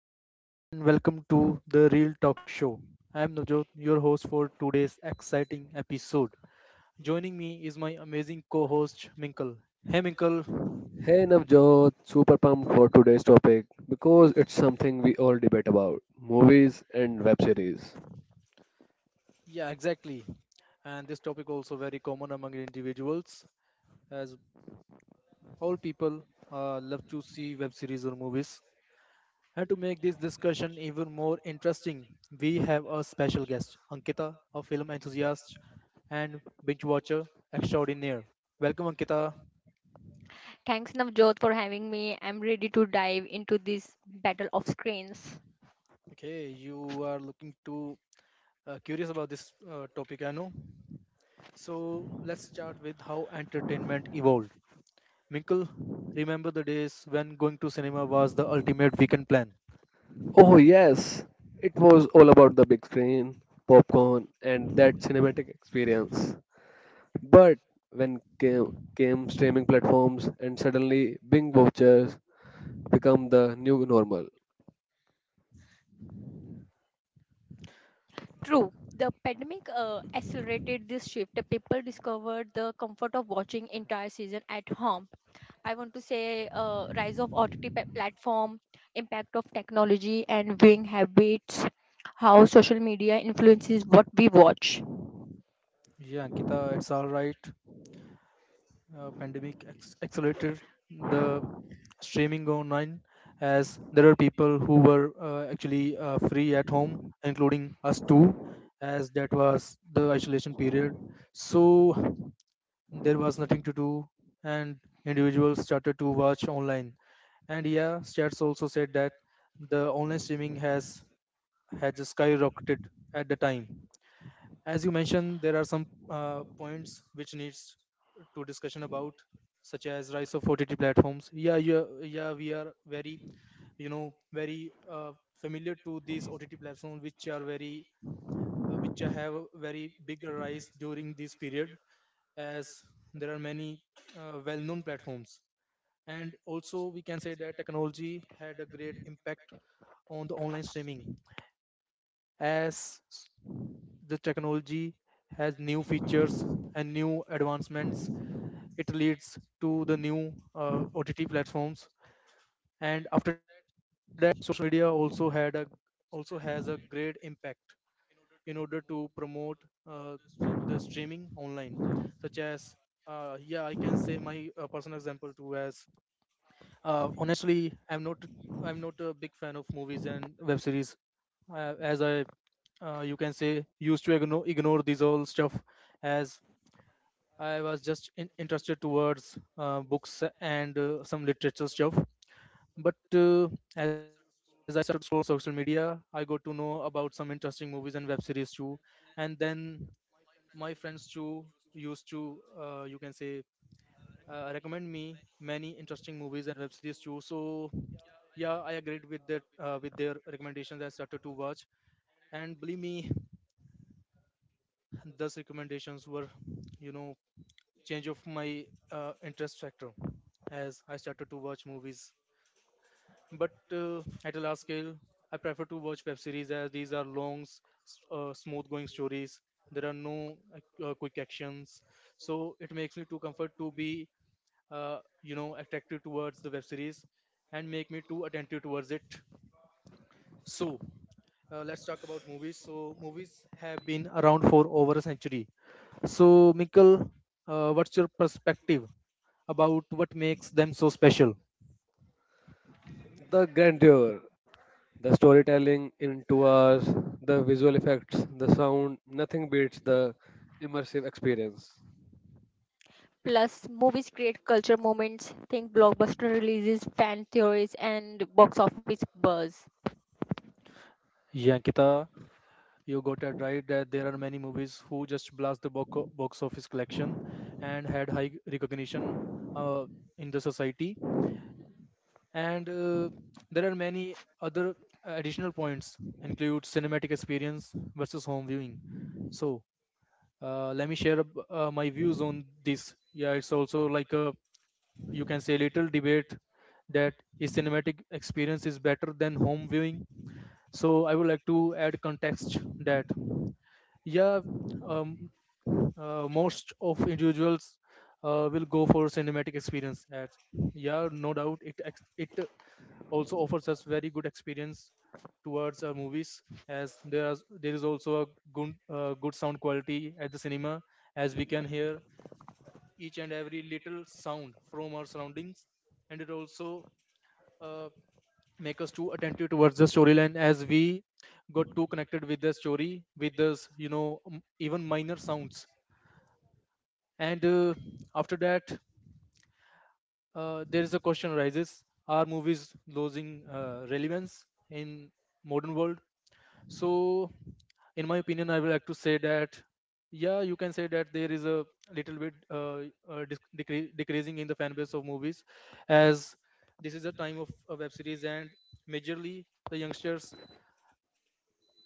everyone, and welcome to the Real Talk Show. I'm Navjot, your host for today's exciting episode. Joining me is my amazing co-host Minkle. Hey, Minkle. Hey Navjot, super pumped for today's topic because it's something we all debate about movies and web series. Yeah, exactly. And this topic also very common among individuals, as all people love to see web series or movies. And to make this discussion even more interesting, we have a special guest, Ankita, a film enthusiast and binge watcher extraordinaire. Welcome, Ankita. Thanks, Navjot, for having me. I'm ready to dive into this battle of screens. Okay, you are looking too curious about this topic, I know. So let's start with how entertainment evolved. Minkle, remember the days when going to cinema was the ultimate weekend plan? Oh, yes, it was all about the big screen, popcorn, and that cinematic experience. But when came streaming platforms and suddenly Bing vouchers become the new normal, True, the pandemic accelerated this shift. The People discovered the comfort of watching entire season at home. I want to say rise of OTT platform, impact of technology and viewing habits, how social media influences what we watch. Yeah, Ankita, it's all right. Pandemic accelerated the streaming online, as there are people who were actually free at home, including us too, as that was the isolation period. So there was nothing to do, and individuals started to watch online. And yeah, stats also said that the online streaming has skyrocketed at the time. As you mentioned, there are some points which needs to discussion about, such as rise of OTT platforms. Yeah, yeah, yeah, we are very, you know, very familiar to these OTT platforms, which are very which have a very big rise during this period, as there are many well-known platforms. And also we can say that technology had a great impact on the online streaming, as the technology has new features and new advancements. It leads to the new OTT platforms. And after that, we also had a also has a great impact in order to promote uh, the streaming online, such as yeah, I can say my personal example too. As honestly, I'm not a big fan of movies and web series, as I you can say used to ignore these all stuff, as I was just interested towards books and some literature stuff. But as I told media, I got to know about some interesting movies and web series too. And then my friends too used to you can say recommend me many interesting movies and web series too. So yeah, I agreed with that with their recommendations. I started to watch, and believe me, those recommendations were, you know, change of my interest factor, as I started to watch movies. But at a large scale, I prefer to watch web series, as these are long, smooth going stories. There are no quick actions, so it makes me too comfort to be you know, attractive towards the web series and make me too attentive towards it. So let's talk about movies. So movies have been around for over a century. So Mikkel, what's your perspective about what makes them so special? the grandeur, the storytelling in 2 hours, the visual effects, the sound, nothing beats the immersive experience. Plus, movies create culture moments. Think blockbuster releases, fan theories, and box office buzz. Yeah, Ankita, you got it right that there are many movies who just blast the box office collection and had high recognition uh, in the society. And there are many other additional points include cinematic experience versus home viewing. So let me share my views on this. Yeah, it's also like a, you can say, little debate that is cinematic experience is better than home viewing. So I would like to add context that yeah, um, most of individuals will go for cinematic experience at yeah, no doubt it also offers us very good experience towards our movies, as there are there is also a good good sound quality at the cinema, as we can hear each and every little sound from our surroundings. And it also uh, make us too attentive towards the storyline, as we got too connected with the story with those, you know, even minor sounds. And after that there is a question arises, are movies losing relevance in modern world? So in my opinion, I would like to say that yeah, you can say that there is a little bit uh, decreasing in the fan base of movies, as this is a time of web series, and majorly the youngsters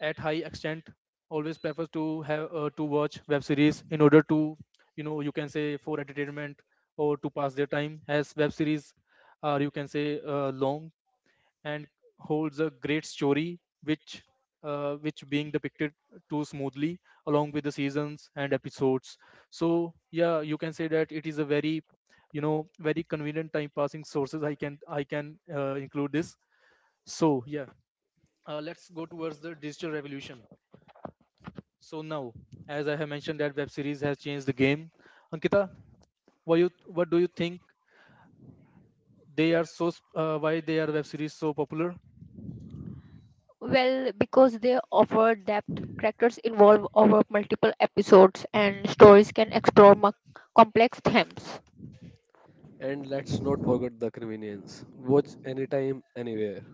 at high extent always prefer to have to watch web series in order to, you know, you can say for entertainment or to pass their time, as web series are, you can say, long and holds a great story which being depicted too smoothly along with the seasons and episodes. So yeah, you can say that it is a very, you know, very convenient time passing sources. I can include this. So yeah, let's go towards the digital revolution. So now, as I have mentioned that web series has changed the game, Ankita, why you what do you think, they are so why they are web series so popular? Well, because they offer depth, characters involve over multiple episodes, and stories can explore complex themes. And let's not forget the convenience. Watch anytime, anywhere.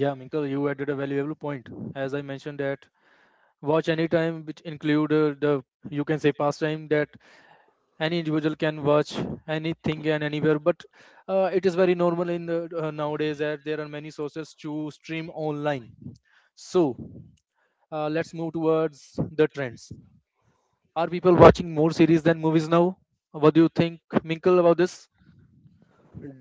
Yeah, Minkle, you added a valuable point. As I mentioned that watch anytime, which include the, you can say, pastime that any individual can watch anything and anywhere. But it is very normal in the, nowadays, that there are many sources to stream online. So let's move towards the trends. Are people watching more series than movies now? What do you think, Minkle, about this?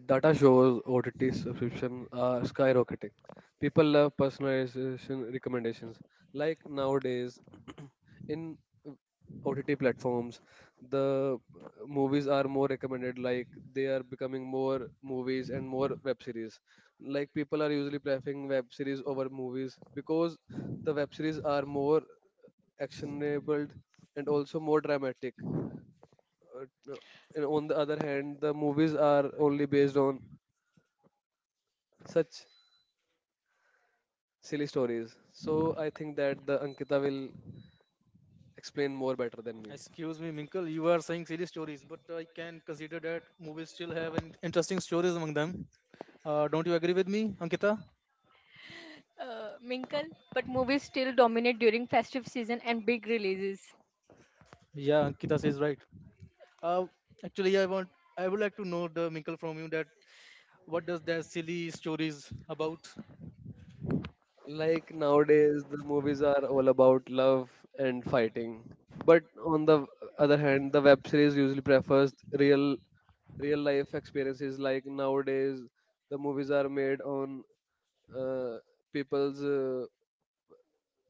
Data shows OTT subscriptions are skyrocketing. People love personalization recommendations. Like nowadays, in OTT platforms, the movies are more recommended. Like they are becoming more movies and more web series. Like people are usually preferring web series over movies because the web series are more actionable and also more dramatic. No. And on the other hand, the movies are only based on such silly stories. So I think that the Ankita will explain more better than me. Excuse me, Minkle, you are saying series stories, but I can consider that movies still have an interesting stories among them. Don't you agree with me, Ankita? Minkle, but movies still dominate during festive season and big releases. Yeah, Ankita says right. Uh, Actually, I would like to know the Minkle from you that what does that silly stories about? Like nowadays, the movies are all about love and fighting. But on the other hand, the web series usually prefers real life experiences. Like nowadays, the movies are made on uh, people's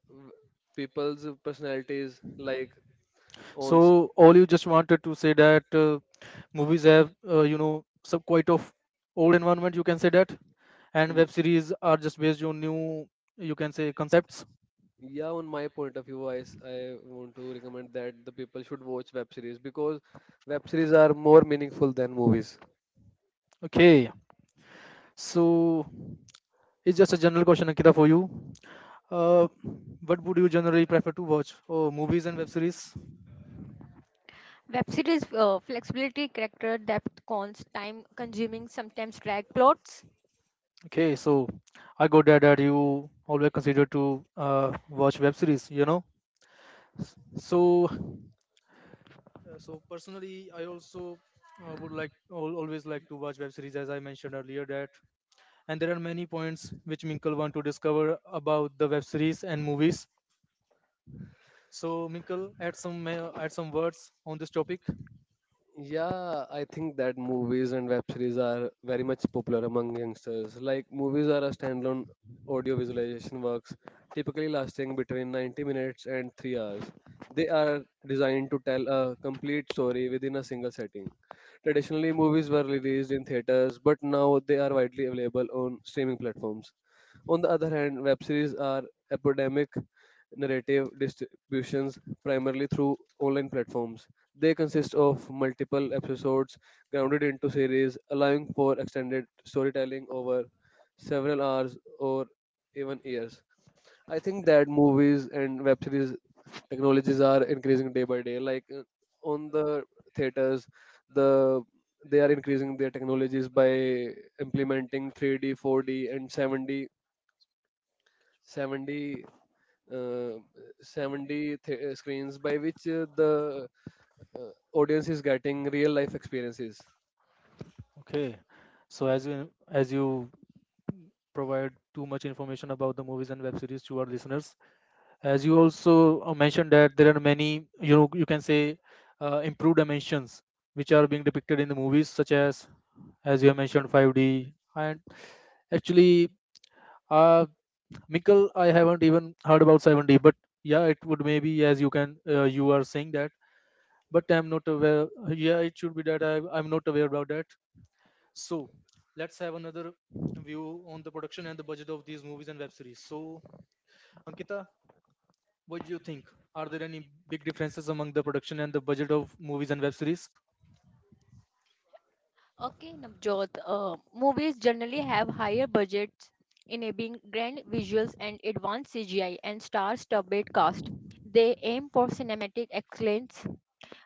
w- people's personalities, like on s- So all you just wanted to say that movies have you know, some quite of old environment, you can say that, and y- web series are just based on new, you can say, concepts. yeah, on my point of view, I want to recommend that the people should watch web series because web series are more meaningful than movies. Okay, so it's just a general question, Akita, for you. Uh, what would you generally prefer to watch? Oh, movies and web series. Web series, flexibility, character depth, cons, time consuming, sometimes drag plots. Okay, so I got that you always consider to watch web series, you know. So, so personally, I also would like always like to watch web series, as I mentioned earlier that. And there are many points which Minkle want to discover about the web series and movies. So, Minkle, add some add some words on this topic. Yeah, I think that movies and web series are very much popular among youngsters. Like, movies are a standalone audio visualization works, typically lasting between 90 minutes and 3 hours. They are designed to tell a complete story within a single setting. Traditionally, movies were released in theaters, but now they are widely available on streaming platforms. On the other hand, web series are epidemic narrative distributions primarily through online platforms. They consist of multiple episodes grounded into series, allowing for extended storytelling over several hours or even years. I think that movies and web series technologies are increasing day by day. Like on the theaters, the they are increasing their technologies by implementing 3D, 4D, and 7D uh, 70 screens by which the audience is getting real life experiences. Okay, so as you provide too much information about the movies and web series to our listeners, as you also mentioned that there are many, you know, you can say improved dimensions which are being depicted in the movies, such as you have mentioned 5d and actually uh Mikkel, I haven't even heard about 7d. But yeah, it would maybe, as you can you are saying that, but I'm not aware. Yeah, it should be that I'm not aware about that. So let's have another view on the production and the budget of these movies and web series. So Ankita, what do you think? Are there any big differences among the production and the budget of movies and web series? Okay, Navjot, movies generally have higher budgets, enabling grand visuals and advanced CGI and star-studded cast. They aim for cinematic excellence.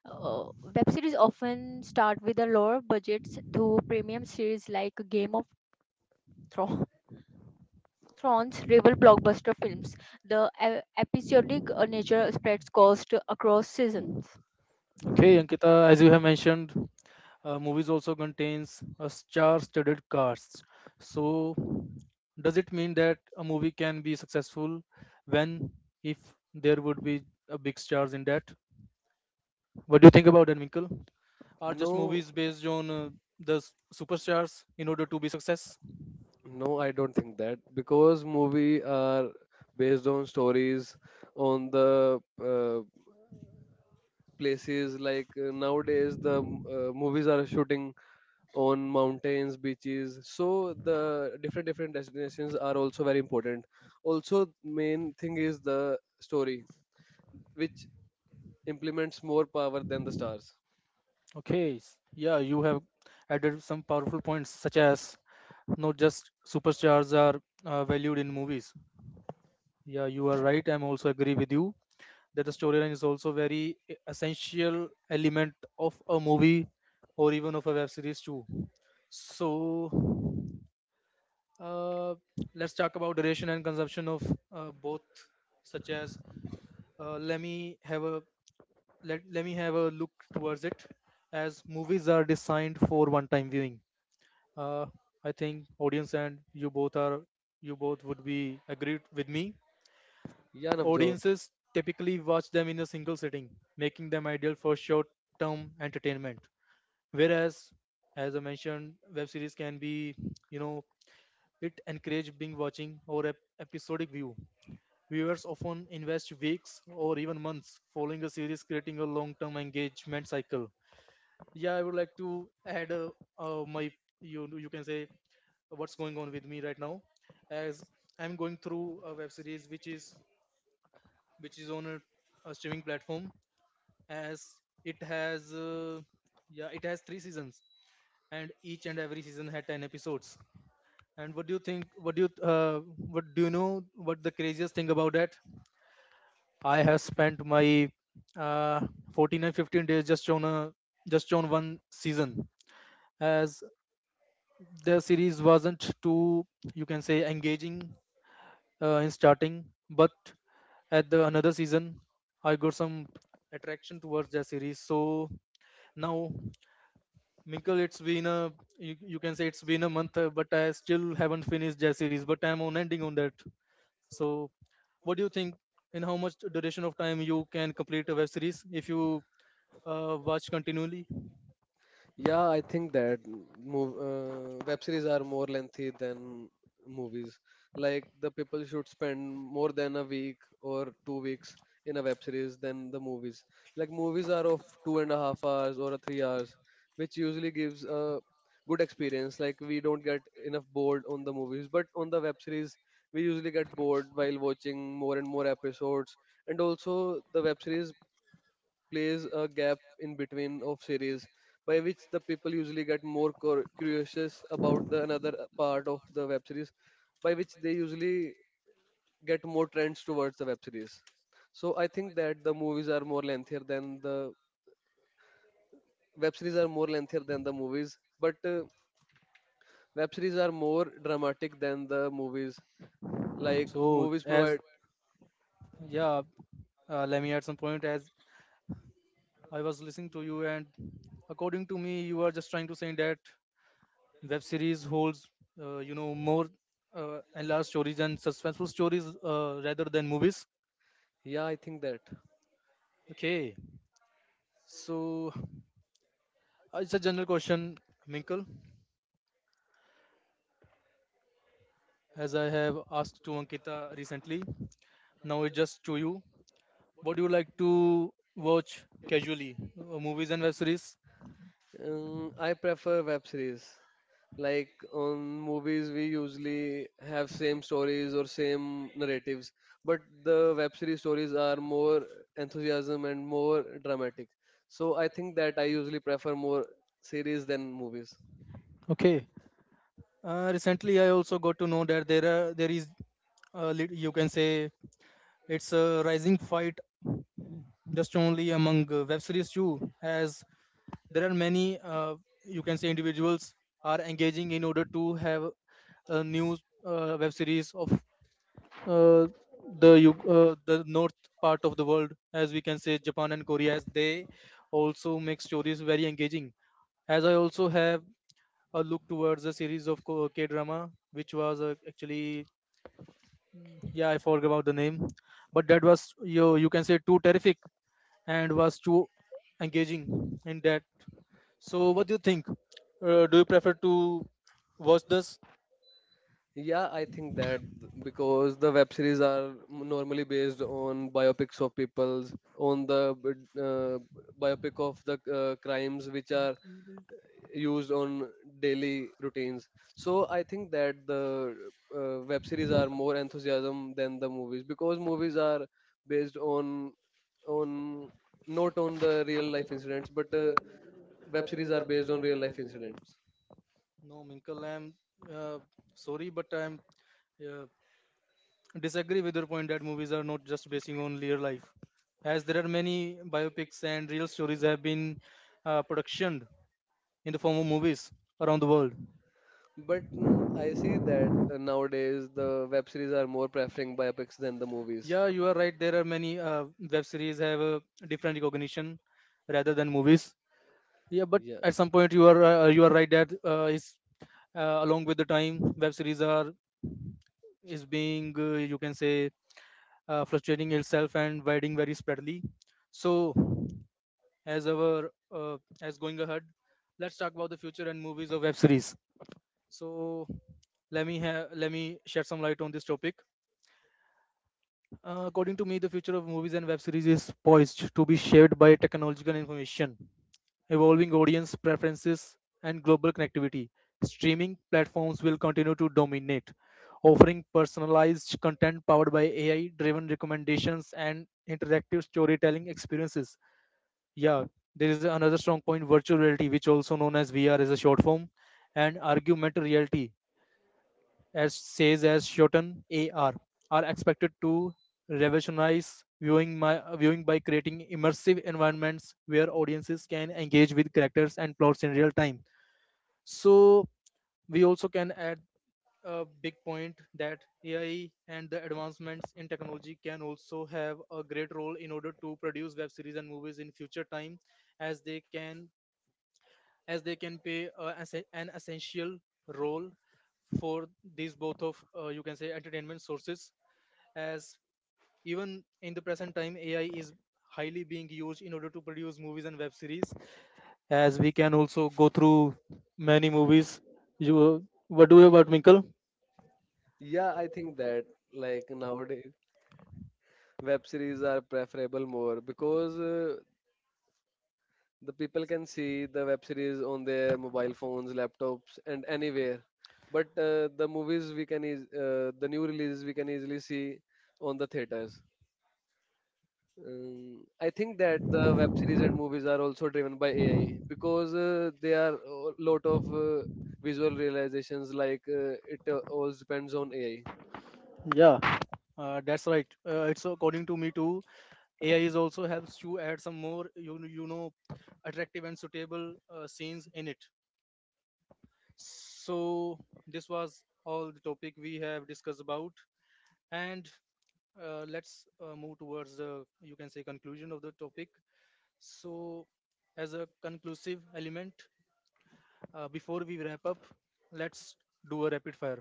Web series often start with a lower budgets to premium series like Game of Thro- Thrones, rival blockbuster films. The episodic nature spreads cost across seasons. Okay, Ankita, as you have mentioned, movies also contains a star-studded cast. So, does it mean that a movie can be successful when, if there would be a big stars in that? What do you think about that, Minkle? Are just no movies based on the superstars in order to be success? no I don't think that because movie are based on stories, on the uh, places, like nowadays the movies are shooting on mountains, beaches, so the different different destinations are also very important. Also, main thing is the story, which implements more power than the stars. Okay, yeah, you have added some powerful points, such as not just superstars are valued in movies. Yeah, you are right. I'm also agree with you that the storyline is also very essential element of a movie or even of a web series too. So, uh, let's talk about duration and consumption of both, such as uh, let me have a let me have a look towards it, as movies are designed for one time viewing. Uh, I think audience and you both would be agreed with me. Yeah, Navjot. Audiences typically watch them in a single sitting, making them ideal for short-term entertainment. Whereas, as I mentioned, web series can be, you know, it encourage being watching or episodic view. Viewers often invest weeks or even months following a series, creating a long-term engagement cycle. Yeah, I would like to add my you can say, what's going on with me right now. As I'm going through a web series which is on a streaming platform. As it has yeah, it has three seasons, and each and every season had 10 episodes. And what do you think, what do you know, what the craziest thing about that? I have spent my uh, 14 and 15 days just on a just on one season, as the series wasn't too, you can say, engaging in starting, but at the another season, I got some attraction towards that series. So now, Minkle, it's been a you can say it's been a month, but I still haven't finished that series. But I'm on ending on that. So what do you think? In how much duration of time you can complete a web series if you watch continually? Yeah, I think that mov web series are more lengthy than movies. Like the people should spend more than a week or 2 weeks in a web series than the movies. Like movies are of 2.5 hours or a 3 hours, which usually gives a good experience. Like we don't get enough bored on the movies, but on the web series we usually get bored while watching more and more episodes. And also the web series plays a gap in between of series, by which the people usually get more curious about the another part of the web series, by which they usually get more trends towards the web series. So I think that the movies are more lengthier than the web series are more lengthier than the movies, but web series are more dramatic than the movies, like So movies as provide. yeah, Let me add some point as I was listening to you, and according to me, you are just trying to say that web series holds you know more enlarged stories and suspenseful stories rather than movies. Yeah, I think that. Okay, so it's a general question, Minkle, as I have asked to Ankita recently. Now it's just to you. What do you like to watch casually, movies and web series? I prefer web series. Like on movies, we usually have same stories or same narratives, but the web series stories are more enthusiasm and more dramatic. So I think that I usually prefer more series than movies. Okay, recently I also got to know that there is a you can say it's a rising fight just only among web series too, as there are many you can say individuals are engaging in order to have a new web series of uh, the the north part of the world, as we can say Japan and Korea, as they also make stories very engaging. As I also have a look towards a series of K drama, which was actually yeah, I forgot about the name, but that was you can say too terrific and was too engaging in that. So, what do you think? Do you prefer to watch this? Yeah, I think that because the web series are normally based on biopics of people's, on the uh, biopic of the crimes which are used on daily routines. So I think that the web series are more enthusiasm than the movies because movies are based on not on the real life incidents, but web series are based on real life incidents. No, Minkle, I'm uh, sorry, but I'm uh, disagree with your point that movies are not just basing on real life, as there are many biopics and real stories have been productioned in the form of movies on the world. But I see that nowadays the web series are more preferring biopics than the movies. Yeah, you are right. There are many web series have a different recognition rather than movies. Yeah, but Yeah, at some point you are right that is along with time web series are is being you can say frustrating itself and widening very spreadly. So as our is going ahead, let's talk about future and movies of web series. So let me shed some light on this topic. According to me, the future of movies and web series is poised to be shaped by technological information, evolving audience preferences, and global connectivity. Streaming platforms will continue to dominate, offering personalized content powered by AI driven recommendations and interactive storytelling experiences. Yeah, there is another strong point, virtual reality, which also known as VR, is a short form, and augmented reality, as says as Shoten AR, are expected to revolutionize viewing my viewing by creating immersive environments where audiences can engage with characters and plots in real time. So we also can add a big point that AI and the advancements in technology can also have a great role in order to produce web series and movies in future time, as they can as they can play an essential role for these both of you can say entertainment sources. As even in the present time, AI is highly being used in order to produce movies and web series, as we can also go through many movies. You, what do you about, Minkle? yeah, I think that, like, nowadays. Web series are preferable more because the people can see the web series on their mobile phones, laptops, and anywhere, but the movies we can the new releases we can easily see on the theaters. I think that the web series and movies are also driven by AI because there are a lot of visual realizations, like it all depends on AI. Yeah, that's right. It's according to me too. AI is also helps to add some more you know attractive and suitable scenes in it. So, this was all the topic we have discussed about, and let's move towards the you can say conclusion of the topic. So, as a conclusive element, before we wrap up, let's do a rapid fire.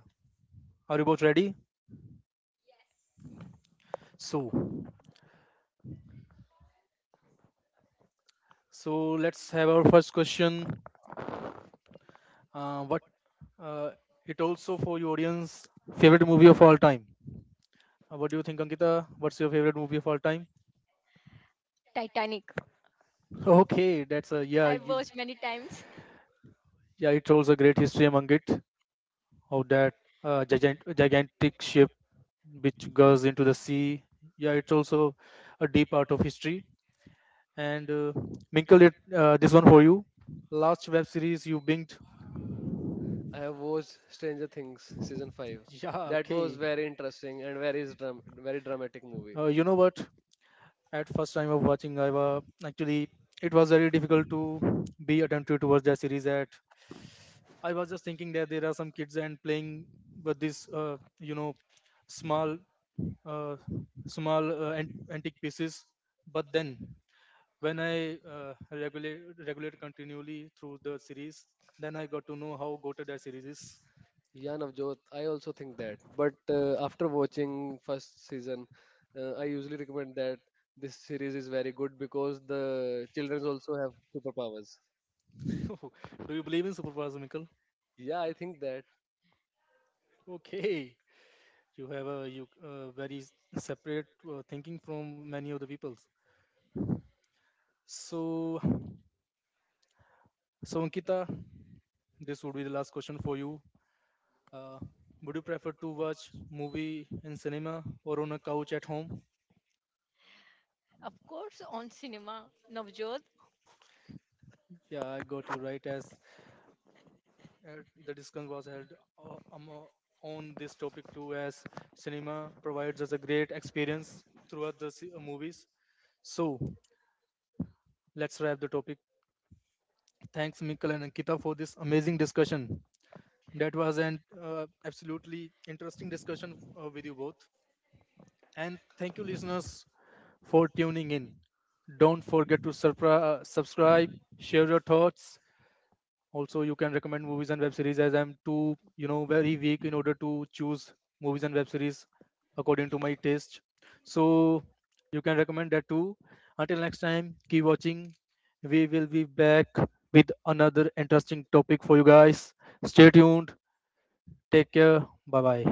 Are you both ready? So, so let's have our first question. What uh, it also for your audience favorite movie of all time? What do you think, Ankita? What's your favorite movie of all time? Titanic. Okay, that's a I yeah. You, watched many times. yeah, it holds a great history among it, of that gigantic ship which goes into the sea. Yeah, it's also a deep part of history. And Minkle, this one for you. Last web series you binged. I have watched Stranger Things season five. Yeah, That was okay. very interesting and very very dramatic movie. You know what? At first time of watching, I was actually it was very difficult to be attentive towards that series. At I was just thinking that there are some kids and playing with this, you know, small uh, small antique pieces. But then, when I regulate continually through the series, then I got to know how goated that series is. Yeah, Navjot, I also think that. But after watching first season, I usually recommend that this series is very good because the children also have superpowers. Do you believe in superpowers, Michael? Yeah, I think that. Okay, you have a you very separate thinking from many of the peoples. So, so Ankita, this would be the last question for you. Uh, would you prefer to watch movie in cinema or on a couch at home? Of course, on cinema. Navjot, Yeah, I got you right as the discussion was held on this topic too, as cinema provides us a great experience throughout the movies. So let's wrap the topic. Thanks, Mikkel and Ankita, for this amazing discussion. That was an absolutely interesting discussion with you both. And thank you, listeners, for tuning in. Don't forget to subscribe, share your thoughts. Also, you can recommend movies and web series, as I'm too, you know, very weak in order to choose movies and web series according to my taste. So you can recommend that too. Until next time, keep watching. We will be back with another interesting topic for you guys. Stay tuned. Take care. Bye bye.